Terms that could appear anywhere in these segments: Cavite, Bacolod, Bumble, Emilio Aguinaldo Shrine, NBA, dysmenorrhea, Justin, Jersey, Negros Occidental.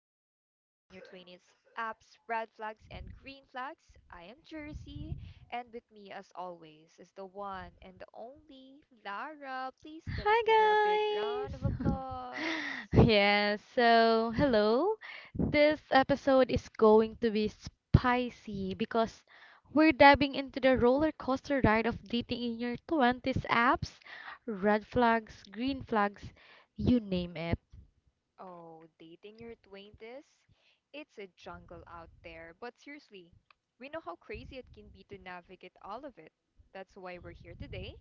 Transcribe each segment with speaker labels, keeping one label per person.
Speaker 1: in Your 20s Apps, Red Flags, and Green Flags. I am Jersey, and with me, as always, is the one and the only Lara. Please let us give her a
Speaker 2: Hi
Speaker 1: big round of
Speaker 2: guys!
Speaker 1: applause.
Speaker 2: Yes, so hello. This episode is going to be spicy because we're diving into the roller coaster ride of dating in your 20s apps, red flags, green flags, you name it.
Speaker 1: Oh, dating your 20s? It's a jungle out there, but seriously, we know how crazy it can be to navigate all of it. That's why we're here today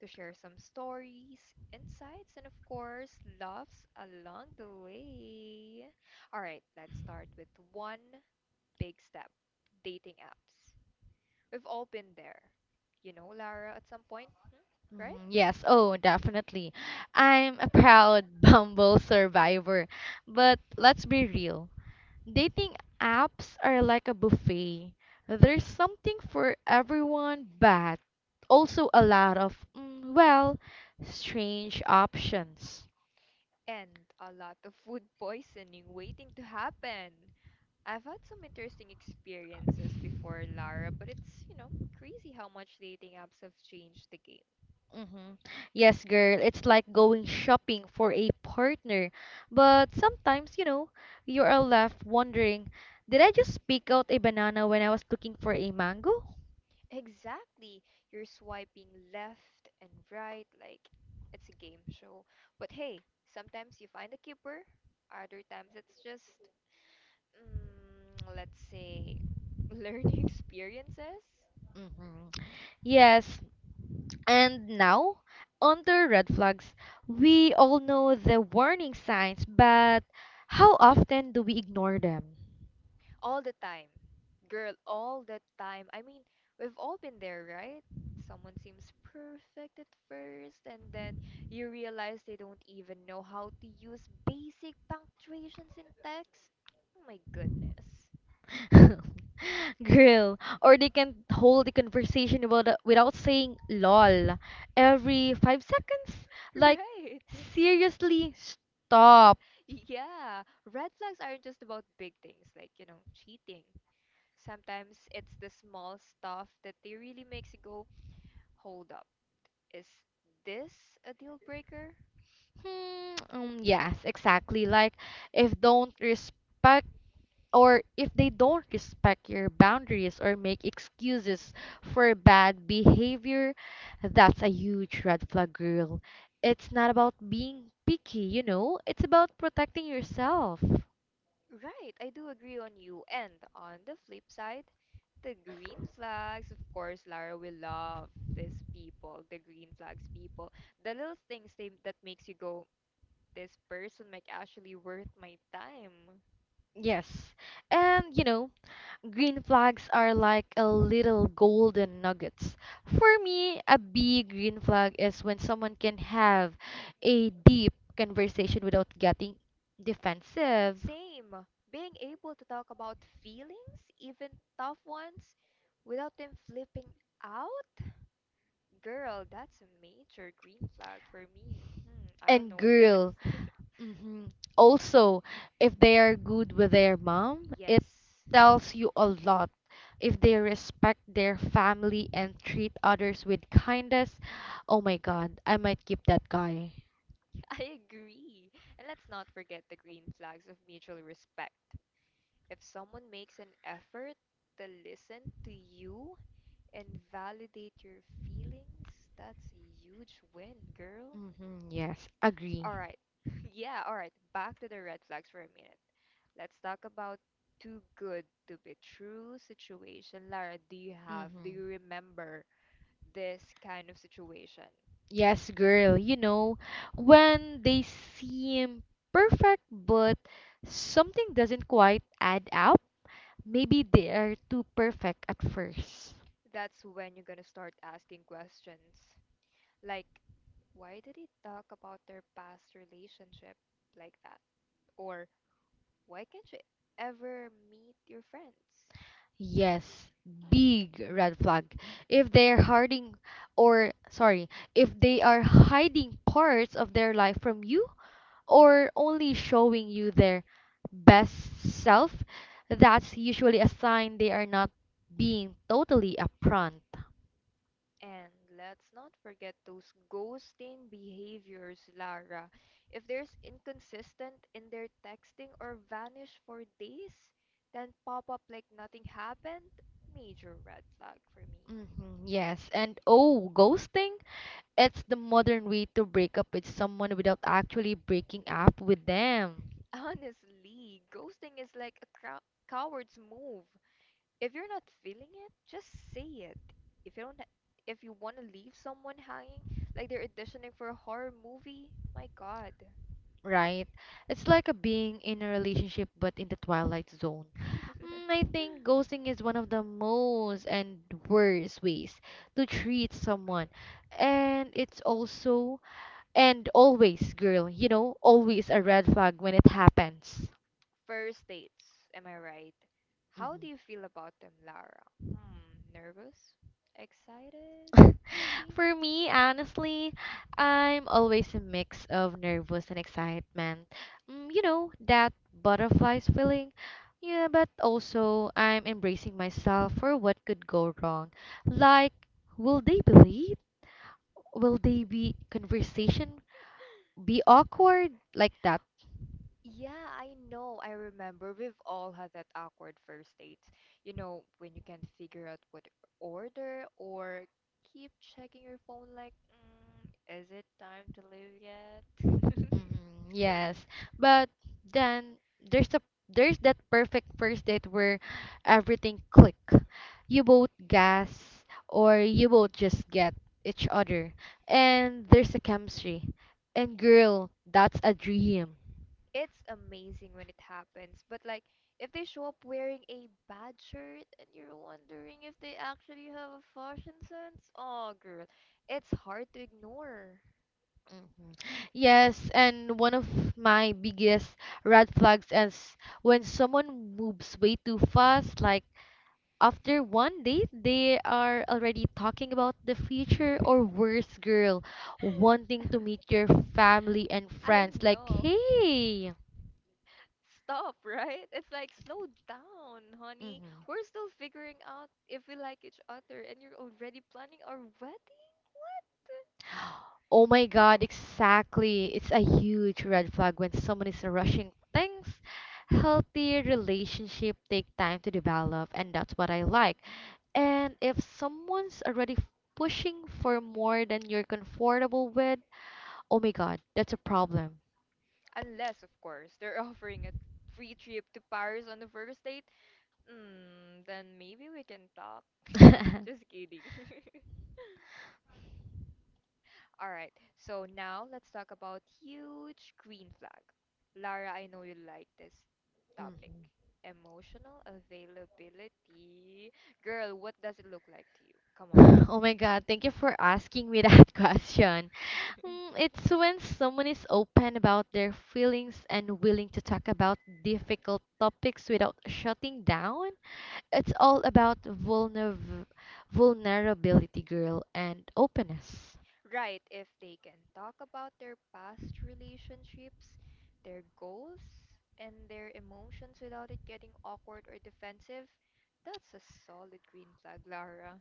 Speaker 1: to share some stories, insights, and of course, laughs along the way. All right, let's start with one big step dating apps. We've all been there. You know, Lara, at some point, hmm? Right?
Speaker 2: Mhm, yes, oh, definitely. I'm a proud Bumble survivor. But let's be real. Dating apps are like a buffet. There's something for everyone, but also a lot of, well, strange options.
Speaker 1: And a lot of food poisoning waiting to happen. I've had some interesting experiences before, Lara, but it's, you know, crazy how much dating apps have changed the game.
Speaker 2: hmm Yes, girl, it's like going shopping for a partner, but sometimes, you are left wondering, did I just pick out a banana when I was looking for a mango?
Speaker 1: Exactly. You're swiping left and right like it's a game show. But hey, sometimes you find a keeper, other times it's just, let's say, learning experiences.
Speaker 2: hmm Yes, and now, under red flags, we all know the warning signs, but how often do we ignore them?
Speaker 1: All the time. Girl, all the time. I mean, we've all been there, right? Someone seems perfect at first, and then you realize they don't even know how to use basic punctuations in text. Oh my goodness.
Speaker 2: Grill, or they can hold the conversation about without saying lol every five seconds. Like,
Speaker 1: Right.
Speaker 2: seriously, stop.
Speaker 1: Yeah. Red flags aren't just about big things like, you know, cheating. Sometimes it's the small stuff that they really makes you go, hold up. Is this a deal breaker?
Speaker 2: Yes, exactly. Like, if don't respect if they don't respect your boundaries or make excuses for bad behavior, that's a huge red flag, girl. It's not about being picky, you know, it's about protecting yourself.
Speaker 1: Right, I do agree on you. And on the flip side, the green flags, of course, Lara will love these people, the green flags people. The little things that makes you go, this person might actually worth my time.
Speaker 2: Yes. And, you know, green flags are like a little golden nuggets. For me, a big green flag is when someone can have a deep conversation without getting defensive.
Speaker 1: Same, being able to talk about feelings, even tough ones, without them flipping out. Girl, that's a major green flag for me. I don't
Speaker 2: And
Speaker 1: know if
Speaker 2: girl,
Speaker 1: it's.
Speaker 2: also, if they are good with their mom,
Speaker 1: Yes.
Speaker 2: it tells you a lot. If they respect their family and treat others with kindness, oh my God, I might keep that guy.
Speaker 1: I agree. And let's not forget the green flags of mutual respect. If someone makes an effort to listen to you and validate your feelings, that's a huge win, girl.
Speaker 2: Mm-hmm, yes,
Speaker 1: All
Speaker 2: agree.
Speaker 1: right. Yeah, all right. Back to the red flags for a minute. Let's talk about too good to be true situation. Lara, do
Speaker 2: Mm-hmm.
Speaker 1: you remember this kind of situation?
Speaker 2: Yes, girl, you know, when they seem perfect, but something doesn't quite add up, maybe they are too perfect at first.
Speaker 1: That's when you're gonna start asking questions. Like, why did he talk about their past relationship like that? Or why can't you ever meet your friends?
Speaker 2: Yes, big red flag. If they're hiding, or sorry, If they are hiding parts of their life from you, or only showing you their best self, that's usually a sign they are not being totally upfront.
Speaker 1: And let's not forget those ghosting behaviors, Lara. If there's inconsistent in their texting or vanish for days, then pop up like nothing happened, major red flag for me.
Speaker 2: Yes, and oh, ghosting? It's the modern way to break up with someone without actually breaking up with them.
Speaker 1: Honestly, ghosting is like a coward's move. If you're not feeling it, just say it. If you don't, if you want to leave someone hanging, like they're auditioning for a horror movie, my God.
Speaker 2: Right? It's like a being in a relationship but in the twilight zone. I think ghosting is one of the most and worst ways to treat someone. And it's also, and always, girl, you know, always a red flag when it happens.
Speaker 1: First dates, am I right? How do
Speaker 2: Mhm.
Speaker 1: you feel about them, Lara? Hmm, nervous? Excited? Maybe?
Speaker 2: For me, honestly, I'm always a mix of nervous and excitement. You know, that butterflies feeling. Yeah, but also I'm embracing myself for what could go wrong. Like, will they believe? Will they be conversation be awkward like that?
Speaker 1: Yeah, I know. I remember we've all had that awkward first dates. You know, when you can't figure out what to order or keep checking your phone like, is it time to leave yet?
Speaker 2: Yes. But then there's a there's that perfect first date where everything click. You both gas, or you both just get each other, and there's a chemistry, and girl, that's a dream.
Speaker 1: It's amazing when it happens, but like if they show up wearing a bad shirt and you're wondering if they actually have a fashion sense, oh girl, it's hard to ignore.
Speaker 2: Mhm. Yes, and one of my biggest red flags is when someone moves way too fast. Like after one date they are already talking about the future, or worse, girl, wanting to meet your family and
Speaker 1: I
Speaker 2: friends, like,
Speaker 1: know.
Speaker 2: hey.
Speaker 1: Stop, right? It's like, slow down, honey.
Speaker 2: Mhm.
Speaker 1: We're still figuring out if we like each other, and you're already planning our wedding? What?
Speaker 2: Oh my God, exactly. It's a huge red flag when someone is rushing things. Healthy relationship take time to develop, and that's what I like. And if someone's pushing for more than you're comfortable with, oh my God, that's a problem.
Speaker 1: Unless, of course, they're offering a free trip to Paris on the first date. Then maybe we can talk. Just kidding. All right, so now let's talk about huge green flag. Lara, I know you like this topic.
Speaker 2: Mhm.
Speaker 1: Emotional availability. Girl, what does it look like to you? Come on.
Speaker 2: Oh my God, thank you for asking me that question. It's when someone is open about their feelings and willing to talk about difficult topics without shutting down. It's all about vulnerability, girl, and openness.
Speaker 1: Right, if they can talk about their past relationships, their goals, and their emotions without it getting awkward or defensive, that's a solid green flag, Lara.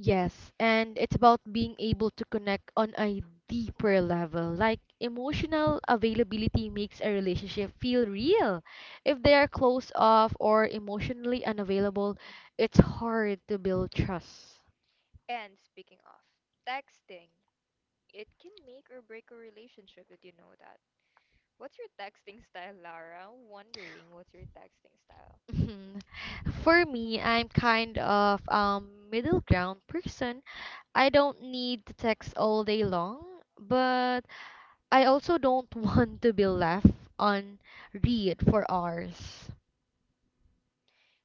Speaker 2: Yes, and it's about being able to connect on a deeper level. Like emotional availability makes a relationship feel real. If they are closed off or emotionally unavailable, it's hard to build trust.
Speaker 1: And speaking of, texting. It can make or break a relationship. Did you know that? What's your texting style, Lara? Wondering what's your texting style.
Speaker 2: Mhm. For me, I'm kind of middle ground person. I don't need to text all day long, but I also don't want to be left on read for hours.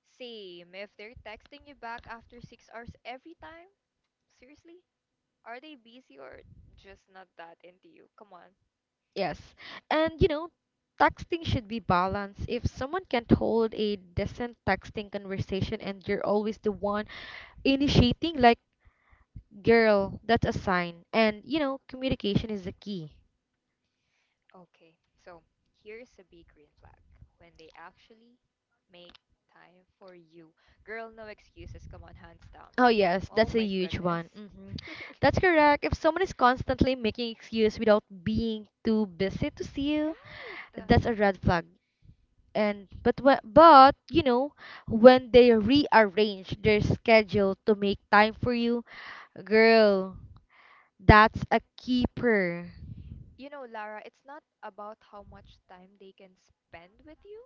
Speaker 1: Same. If they're texting you back after 6 hours every time, seriously? Are they busy or just not that into you? Come on.
Speaker 2: Yes. And you know, texting should be balanced. If someone can't hold a decent texting conversation and you're always the one initiating, like, girl, that's a sign. And you know, communication is the key.
Speaker 1: Okay, so here's a big green flag when they actually make time for you. Girl, no excuses. Come on, hands down.
Speaker 2: Oh yes,
Speaker 1: Oh
Speaker 2: that's a
Speaker 1: my
Speaker 2: huge
Speaker 1: goodness.
Speaker 2: one. That's correct. If someone is constantly making excuse without being too busy to see you, that's a
Speaker 1: Right.
Speaker 2: red flag. But you know, when they rearrange their schedule to make time for you, girl, that's a keeper.
Speaker 1: You know, Lara, it's not about how much time they can spend with you.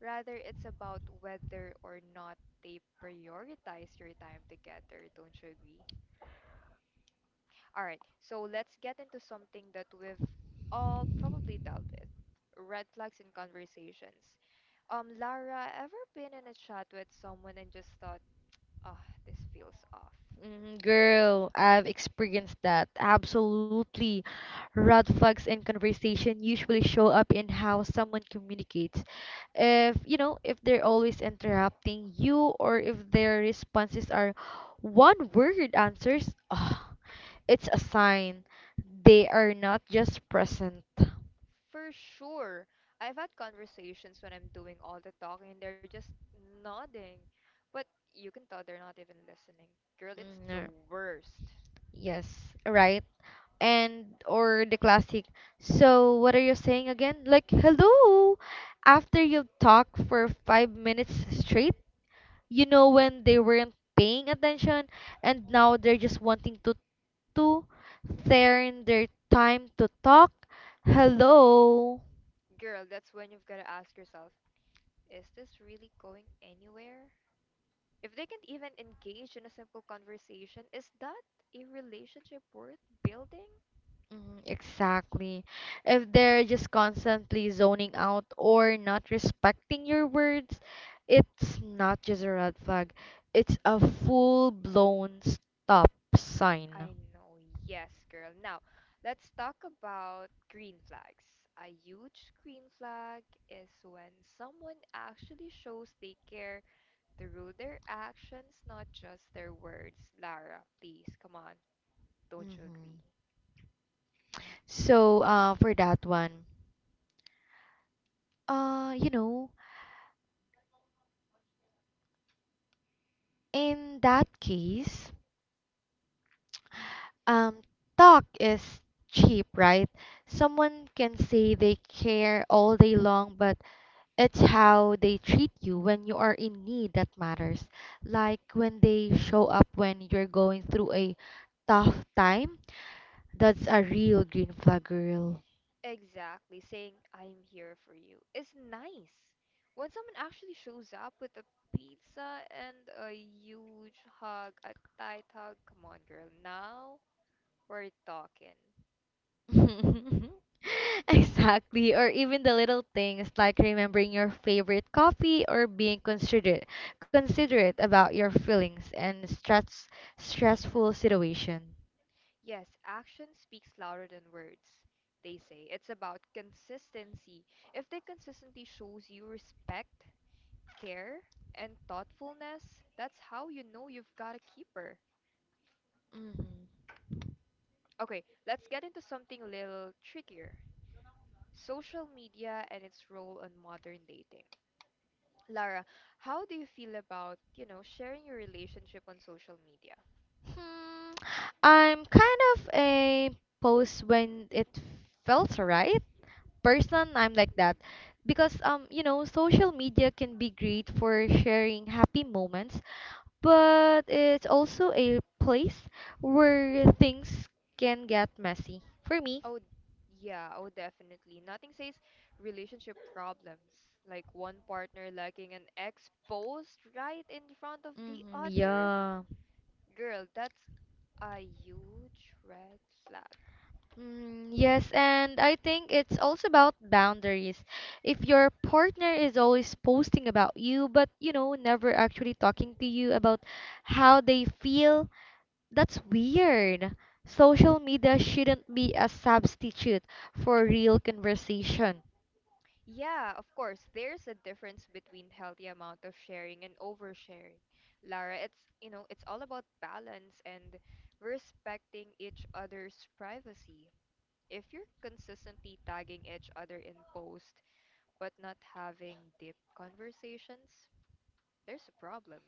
Speaker 1: Rather, it's about whether or not they prioritize your time together. Don't you agree? All right, so let's get into something that we've all probably dealt with red flags in conversations. Lara, ever been in a chat with someone and just thought, ah, this feels off?
Speaker 2: Girl, I've experienced that. Absolutely. Red flags in conversation usually show up in how someone communicates. If, you know, if they're always interrupting you, or if their responses are one-word answers, ah, it's a sign they are not just present.
Speaker 1: For sure. I've had conversations when I'm doing all the talking and they're just nodding. But you can tell they're not even listening. Girl, it's the
Speaker 2: Mm,
Speaker 1: worst.
Speaker 2: Yes, right? And or the classic. So what are you saying again? Like hello, after you talk for 5 minutes straight, you know when they weren't paying attention, and now they're just wanting to to turn their time to talk. Hello.
Speaker 1: Girl, that's when you've got to ask yourself, is this really going anywhere? If they can't even engage in a simple conversation, is that a relationship worth building?
Speaker 2: Mhm, exactly. If they're just constantly zoning out or not respecting your words, it's not just a red flag, it's a full-blown stop sign.
Speaker 1: I know, yes, girl. Now, let's talk about green flags. A huge green flag is when someone actually shows they care through their actions, not just their words. Lara, please, come on. Don't you agree?
Speaker 2: hmm So, for that one, you know, in that case, um, talk is cheap, right? Someone can say they care all day long, but it's how they treat you when you are in need that matters. Like when they show up when you're going through a tough time, that's a real green flag, girl.
Speaker 1: Exactly. Saying, I'm here for you is nice. When someone actually shows up with a pizza and a huge hug, a tight hug, come on, girl. Now we're talking.
Speaker 2: Exactly, or even the little things like remembering your favorite coffee or being considerate about your feelings and stressful situation.
Speaker 1: Yes, action speaks louder than words, they say. It's about consistency. If the consistency shows you respect, care, and thoughtfulness, that's how you know you've got a keeper.
Speaker 2: Mhm.
Speaker 1: Okay, let's get into something a little trickier. Social media and its role on modern dating. Lara, how do you feel about, you know, sharing your relationship on social media?
Speaker 2: Hmm. I'm kind of a post when it felt right person. I'm like that because you know, social media can be great for sharing happy moments, but it's also a place where things can get messy for me.
Speaker 1: Oh, yeah, oh, definitely. Nothing says relationship problems, like one partner lacking an exposed right in front of the other.
Speaker 2: Yeah,
Speaker 1: Girl, that's a huge red flag.
Speaker 2: yes, and I think it's also about boundaries. If your partner is always posting about you, but you know, never actually talking to you about how they feel, that's weird. Social media shouldn't be a substitute for real conversation.
Speaker 1: Yeah, of course, there's a difference between healthy amount of sharing and oversharing. Lara, it's, you know, it's all about balance and respecting each other's privacy. If you're consistently tagging each other in posts, but not having deep conversations, there's a problem.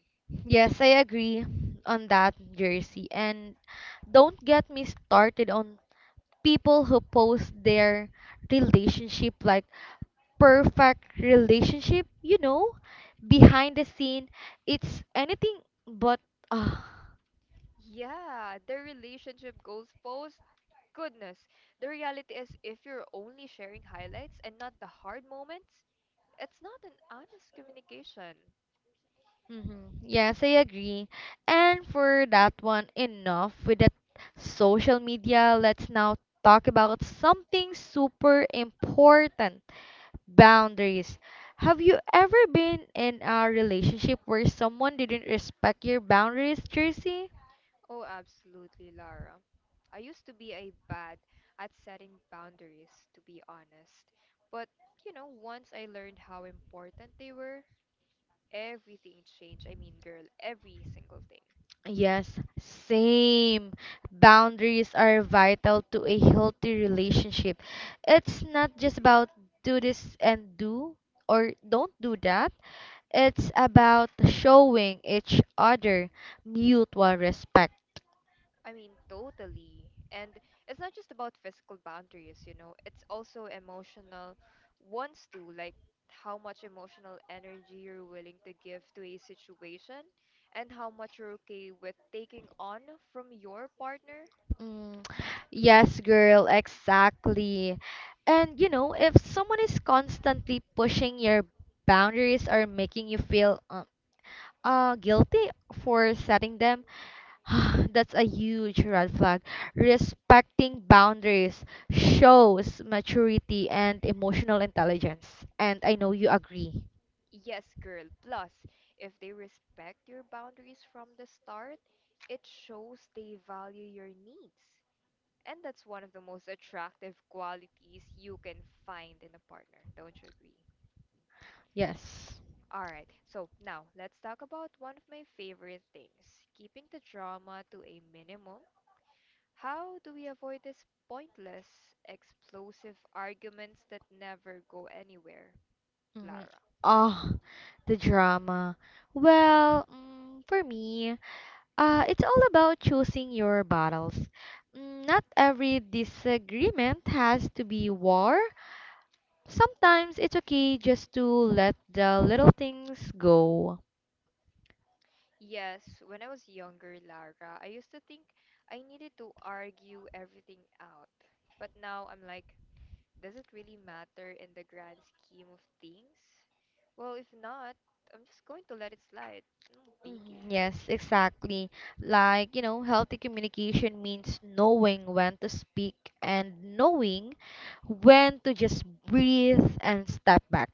Speaker 2: Yes, I agree on that, Jersey. And don't get me started on people who post their relationship like perfect relationship, you know, behind the scene. It's anything but. Ah.
Speaker 1: Yeah, the relationship goals post. Goodness. The reality is, if you're only sharing highlights and not the hard moments, it's not an honest communication.
Speaker 2: Mm-hmm. Yes, I agree. And for that one, enough with the social media. Let's now talk about something super important: boundaries. Have you ever been in a relationship where someone didn't respect your boundaries, Tracy?
Speaker 1: Oh, absolutely, Lara. I used to be a bad at setting boundaries, to be honest. But, you know, once I learned how important they were, everything changed. I mean, girl, every single thing.
Speaker 2: Yes, same. Boundaries are vital to a healthy relationship. It's not just about do this and do, or don't do that. It's about showing each other mutual respect.
Speaker 1: I mean, totally. And it's not just about physical boundaries, you know, it's also emotional ones too, like how much emotional energy you're willing to give to a situation and how much you're okay with taking on from your partner.
Speaker 2: Mm, yes, girl, exactly. And you know, if someone is constantly pushing your boundaries or making you feel guilty for setting them, that's a huge red flag. Respecting boundaries shows maturity and emotional intelligence. And I know you agree.
Speaker 1: Yes, girl. Plus, if they respect your boundaries from the start, it shows they value your needs. And that's one of the most attractive qualities you can find in a partner, don't you agree?
Speaker 2: Yes.
Speaker 1: All right, so now let's talk about one of my favorite things keeping the drama to a minimum. How do we avoid these pointless, explosive arguments that never go anywhere,
Speaker 2: Mhm.
Speaker 1: Lara?
Speaker 2: Oh, the drama. Well, for me, it's all about choosing your battles. Not every disagreement has to be war. Sometimes it's okay just to let the little things go.
Speaker 1: Yes, when I was younger, Lara, I used to think I needed to argue everything out. But now I'm like, does it really matter in the grand scheme of things? Well, if not, I'm just going to let it slide. No
Speaker 2: Mhm,
Speaker 1: biggie.
Speaker 2: Yes, exactly. Like, you know, healthy communication means knowing when to speak and knowing when to just breathe and step back.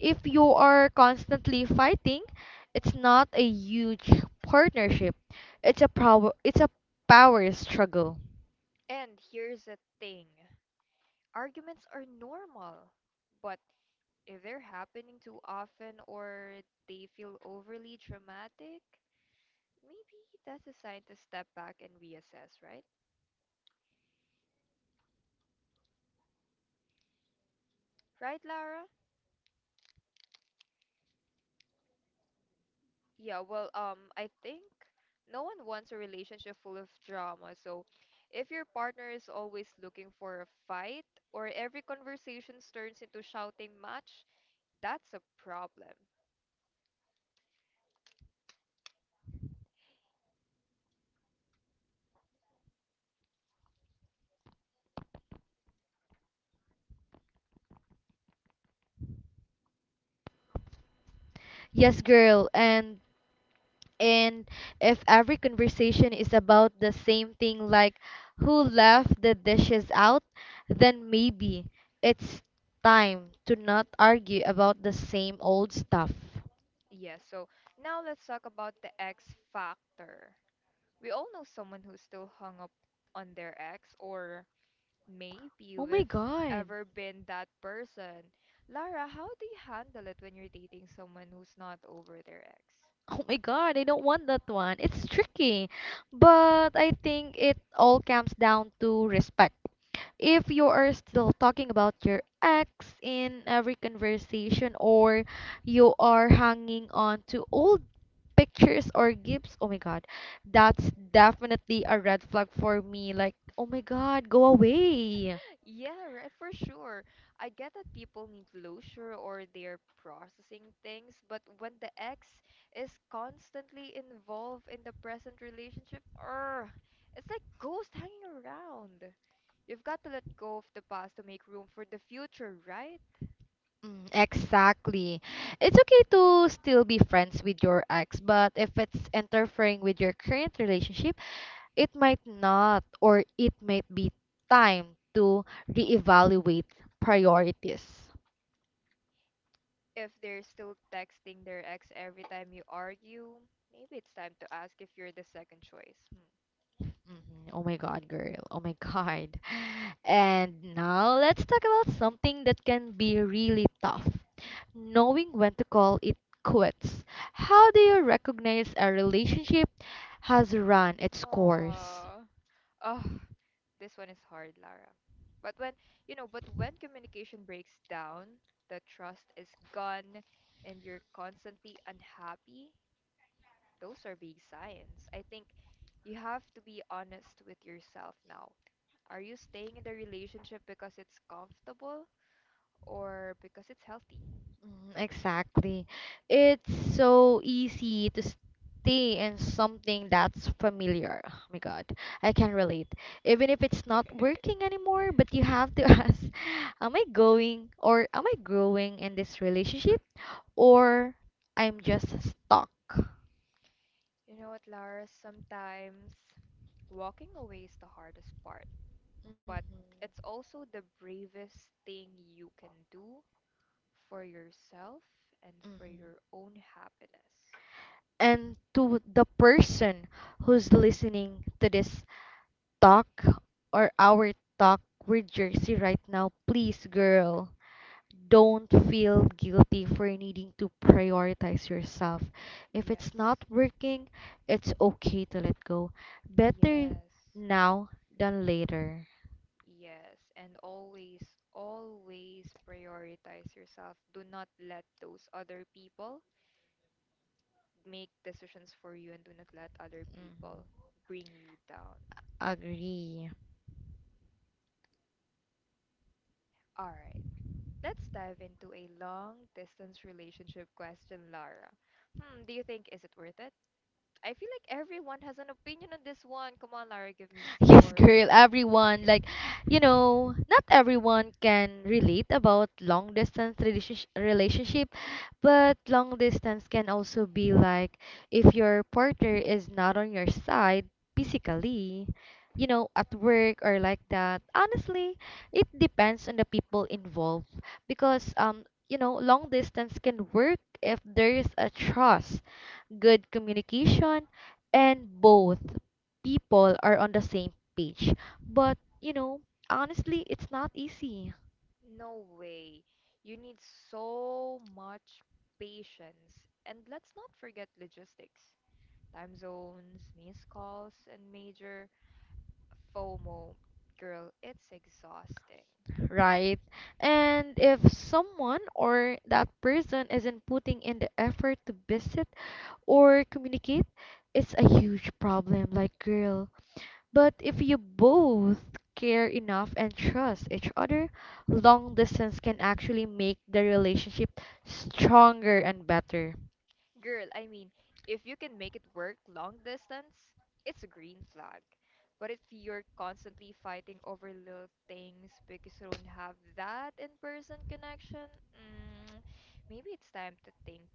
Speaker 2: If you are constantly fighting, it's not a huge partnership. It's a power struggle.
Speaker 1: And here's the thing arguments are normal, but if they're happening too often or they feel overly dramatic, maybe that's a sign to step back and reassess, right? Right, Lara? Yeah, well, I think no one wants a relationship full of drama. So if your partner is always looking for a fight or every conversation turns into shouting match, that's a problem.
Speaker 2: Yes, girl, and if every conversation is about the same thing, like who left the dishes out, then maybe it's time to not argue about the same old stuff.
Speaker 1: Yes, so now let's talk about the X factor. We all know someone who's still hung up on their ex, or maybe
Speaker 2: Oh my
Speaker 1: we've
Speaker 2: god.
Speaker 1: ever been that person. Lara, how do you handle it when you're dating someone who's not over their ex?
Speaker 2: Oh my god, I don't want that one. It's tricky. But I think it all comes down to respect. If you are still talking about your ex in every conversation, or you are hanging on to old pictures or gifts, oh my god, that's definitely a red flag for me. Like, oh my god, go away.
Speaker 1: Yeah, right, for sure. I get that people need closure or they're processing things, but when the ex is constantly involved in the present relationship, it's like ghost hanging around. You've got to let go of the past to make room for the future, right?
Speaker 2: Exactly. It's okay to still be friends with your ex, but if it's interfering with your current relationship, it might not, or it might be time to reevaluate priorities.
Speaker 1: If they're still texting their ex every time you argue, maybe it's time to ask if you're the second choice. Hmm.
Speaker 2: Mhm. Oh my god, girl. Oh my god. And now let's talk about something that can be really tough. Knowing when to call it quits. How do you recognize a relationship has run its course?
Speaker 1: Aww. Oh, this one is hard, Lara. But when, you know, but when communication breaks down, the trust is gone and you're constantly unhappy, those are big signs. I think you have to be honest with yourself now. Are you staying in the relationship because it's comfortable or because it's healthy?
Speaker 2: Exactly. It's so easy to stay in something that's familiar. Oh my God, I can relate. Even if it's not working anymore, but you have to ask, am I going or am I growing in this relationship, or I'm just stuck?
Speaker 1: You know what, Lara? Sometimes walking away is the hardest part, but
Speaker 2: Mm-hmm,
Speaker 1: it's also the bravest thing you can do for yourself and for
Speaker 2: mm-hmm.
Speaker 1: your own happiness.
Speaker 2: And to the person who's listening to this talk or our talk with Jersey right now, please, girl. Don't feel guilty for needing to prioritize yourself. If it's
Speaker 1: Yes,
Speaker 2: not working, it's okay to let go. Better
Speaker 1: yes,
Speaker 2: now than later.
Speaker 1: yes. And always, always prioritize yourself. Do not let those other people make decisions for you and do not let other people
Speaker 2: Mhm.
Speaker 1: bring you down.
Speaker 2: Agree.
Speaker 1: All right. Let's dive into a long distance relationship question, Lara. Hmm, do you think is it worth it? I feel like everyone has an opinion on this one. Come on, Lara, give me
Speaker 2: Yes,
Speaker 1: your
Speaker 2: girl,
Speaker 1: opinion.
Speaker 2: everyone, like, you know, not everyone can relate about long distance relationship, but long distance can also be like if your partner is not on your side physically, you know, at work or like that. Honestly, it depends on the people involved because you know, long distance can work if there is a trust, good communication, and both people are on the same page. But, you know, honestly, it's not easy,
Speaker 1: No way. You need so much patience. And let's not forget logistics, time zones, missed calls, and major FOMO. Girl, it's exhausting.
Speaker 2: right? And if someone or that person isn't putting in the effort to visit or communicate, it's a huge problem, like, girl. But if you both care enough and trust each other, long distance can actually make the relationship stronger and better.
Speaker 1: Girl, I mean, if you can make it work long distance, it's a green flag. But if you're constantly fighting over little things because you don't have that in-person connection, mm, maybe it's time to think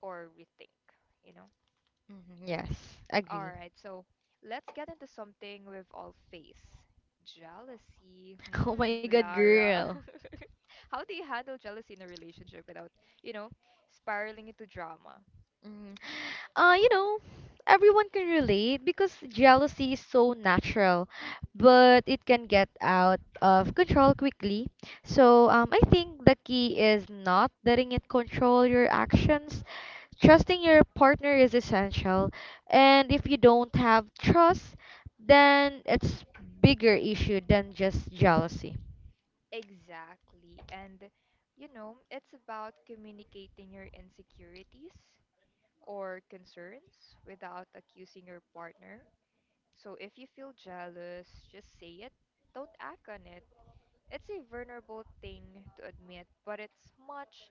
Speaker 1: or rethink, you know.
Speaker 2: Mhm, yes,
Speaker 1: All
Speaker 2: agree.
Speaker 1: right, so let's get into something we've all faced. Jealousy.
Speaker 2: Oh my
Speaker 1: Hmm,
Speaker 2: god,
Speaker 1: Lara.
Speaker 2: girl.
Speaker 1: How do you handle jealousy in a relationship without, you know, spiraling into drama?
Speaker 2: You know, everyone can relate because jealousy is so natural, but it can get out of control quickly. So, I think the key is not letting it control your actions. Trusting your partner is essential, and if you don't have trust, then it's bigger issue than just jealousy.
Speaker 1: Exactly. And, you know, it's about communicating your insecurities or concerns without accusing your partner. So if you feel jealous, just say it. Don't act on it. It's a vulnerable thing to admit, but it's much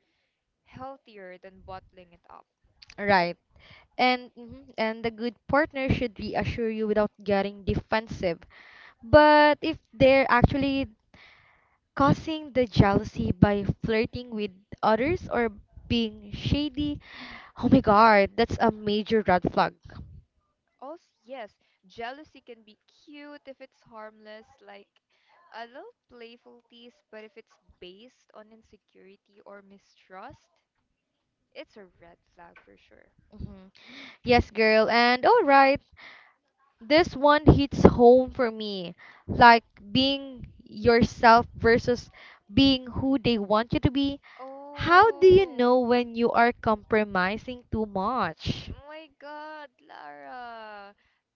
Speaker 1: healthier than bottling it up, right?
Speaker 2: Right. And and the good partner should reassure you without getting defensive. But if they're actually causing the jealousy by flirting with others or being shady, oh my god, that's a major red flag.
Speaker 1: Also, yes, jealousy can be cute if it's harmless, like a little playful tease, but if it's based on insecurity or mistrust, it's a red flag for sure.
Speaker 2: Mhm. Yes, girl, and alright, this one hits home for me. Like being yourself versus being who they want you to be. How do you know
Speaker 1: Oh
Speaker 2: when you are compromising too much?
Speaker 1: my God, Lara.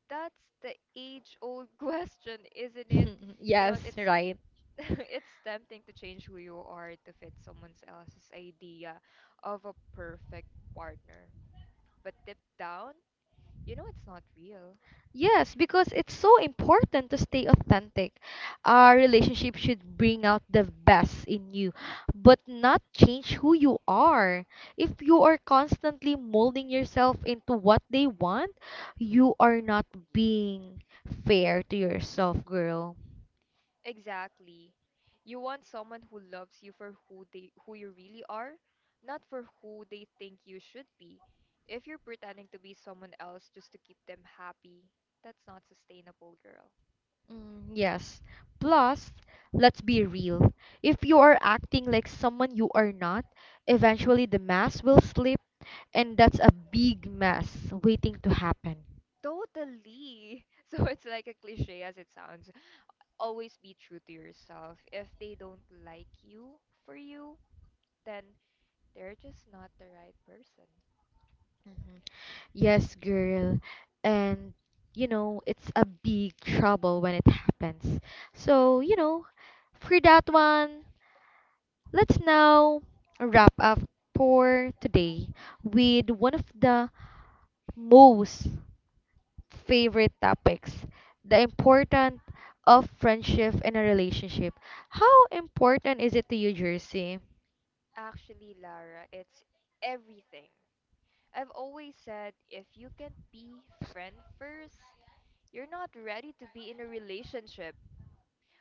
Speaker 1: That's the age-old question, isn't it? You know
Speaker 2: Yes,
Speaker 1: what? It's
Speaker 2: right.
Speaker 1: it's tempting to change who you are to fit someone else's idea of a perfect partner. But deep down, you know it's not real.
Speaker 2: Yes, because it's so important to stay authentic. Our relationship should bring out the best in you, but not change who you are. If you are constantly molding yourself into what they want, you are not being fair to yourself, girl.
Speaker 1: Exactly. You want someone who loves you for who you really are, not for who they think you should be. If you're pretending to be someone else just to keep them happy, that's not sustainable, girl.
Speaker 2: Yes. Plus, let's be real. If you are acting like someone you are not, eventually the mask will slip, and that's a big mess waiting to happen.
Speaker 1: Totally. So it's like a cliche as it sounds, always be true to yourself. If they don't like you for you, then they're just not the right person.
Speaker 2: Mhm. Yes, girl. And, you know, it's a big trouble when it happens. So, you know, for that one, let's now wrap up for today with one of the most favorite topics, the importance of friendship in a relationship. How important is it to you, Jersey?
Speaker 1: Actually, Lara, it's everything. I've always said if you can be friend first, you're not ready to be in a relationship.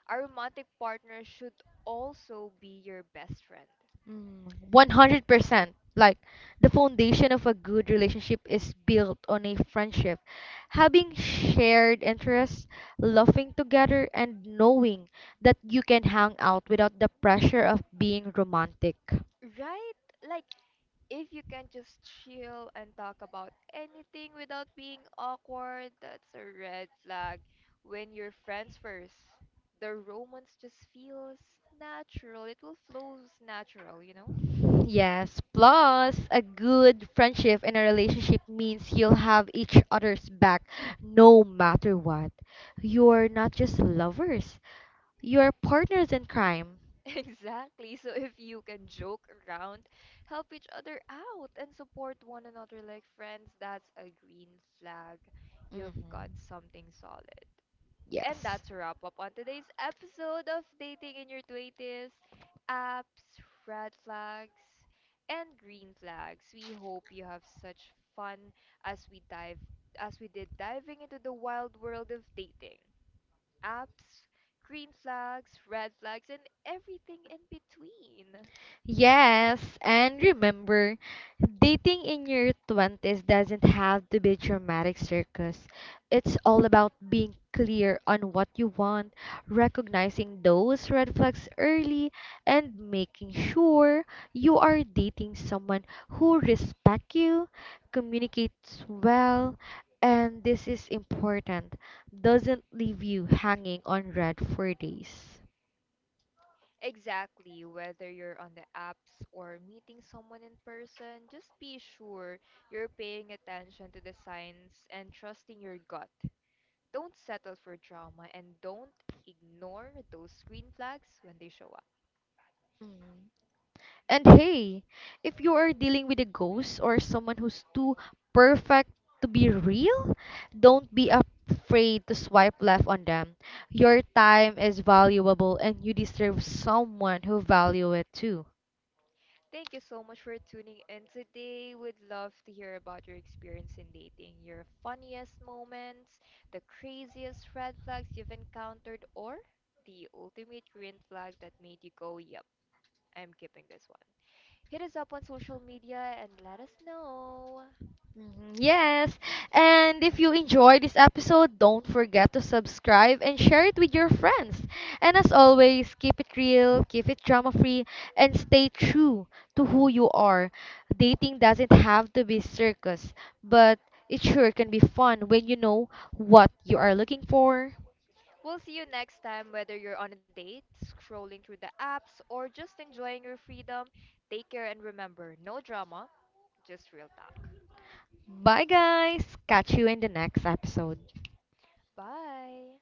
Speaker 1: A romantic partner should also be your best friend.
Speaker 2: 100%. Like, the foundation of a good relationship is built on a friendship. Having shared interests, laughing together, and knowing that you can hang out without the pressure of being romantic.
Speaker 1: Right? Like if you can just chill and talk about anything without being awkward, that's a red flag. When you're friends first, the romance just feels natural. It will flows natural, you know?
Speaker 2: Yes, plus a good friendship in a relationship means you'll have each other's back no matter what. You're not just lovers, you're partners in crime.
Speaker 1: Exactly. So if you can joke around, help each other out, and support one another like friends, that's a green flag. You've
Speaker 2: hmm
Speaker 1: got something solid. And
Speaker 2: Yes.
Speaker 1: that's a wrap up on today's episode of Dating in Your 20s, Apps, Red Flags, and Green Flags. We hope you have such fun as we dive as we did diving into the wild world of dating. Apps, green flags, red flags, and everything in between.
Speaker 2: Yes, and remember, dating in your 20s doesn't have to be a dramatic circus. It's all about being clear on what you want, recognizing those red flags early, and making sure you are dating someone who respects you, communicates well, and this is important, doesn't leave you hanging on red for days.
Speaker 1: Exactly, whether you're on the apps or meeting someone in person, just be sure you're paying attention to the signs and trusting your gut. Don't settle for drama and don't ignore those green flags when they show up.
Speaker 2: Mm. And hey, if you are dealing with a ghost or someone who's too perfect to be real, don't be afraid to swipe left on them. Your time is valuable and you deserve someone who value it too.
Speaker 1: Thank you so much for tuning in today. Would love to hear about your experience in dating, your funniest moments, the craziest red flags you've encountered, or the ultimate green flag that made you go, yep, I'm keeping this one. Hit us up on social media and let us know.
Speaker 2: Mhm, yes. And if you enjoy this episode, don't forget to subscribe and share it with your friends. And as always, keep it real, keep it drama free, and stay true to who you are. Dating doesn't have to be circus, but it sure can be fun when you know what you are looking for.
Speaker 1: We'll see you next time, whether you're on a date, scrolling through the apps, or just enjoying your freedom. Take care and remember no drama, just real talk.
Speaker 2: Bye, guys. Catch you in the next episode.
Speaker 1: Bye.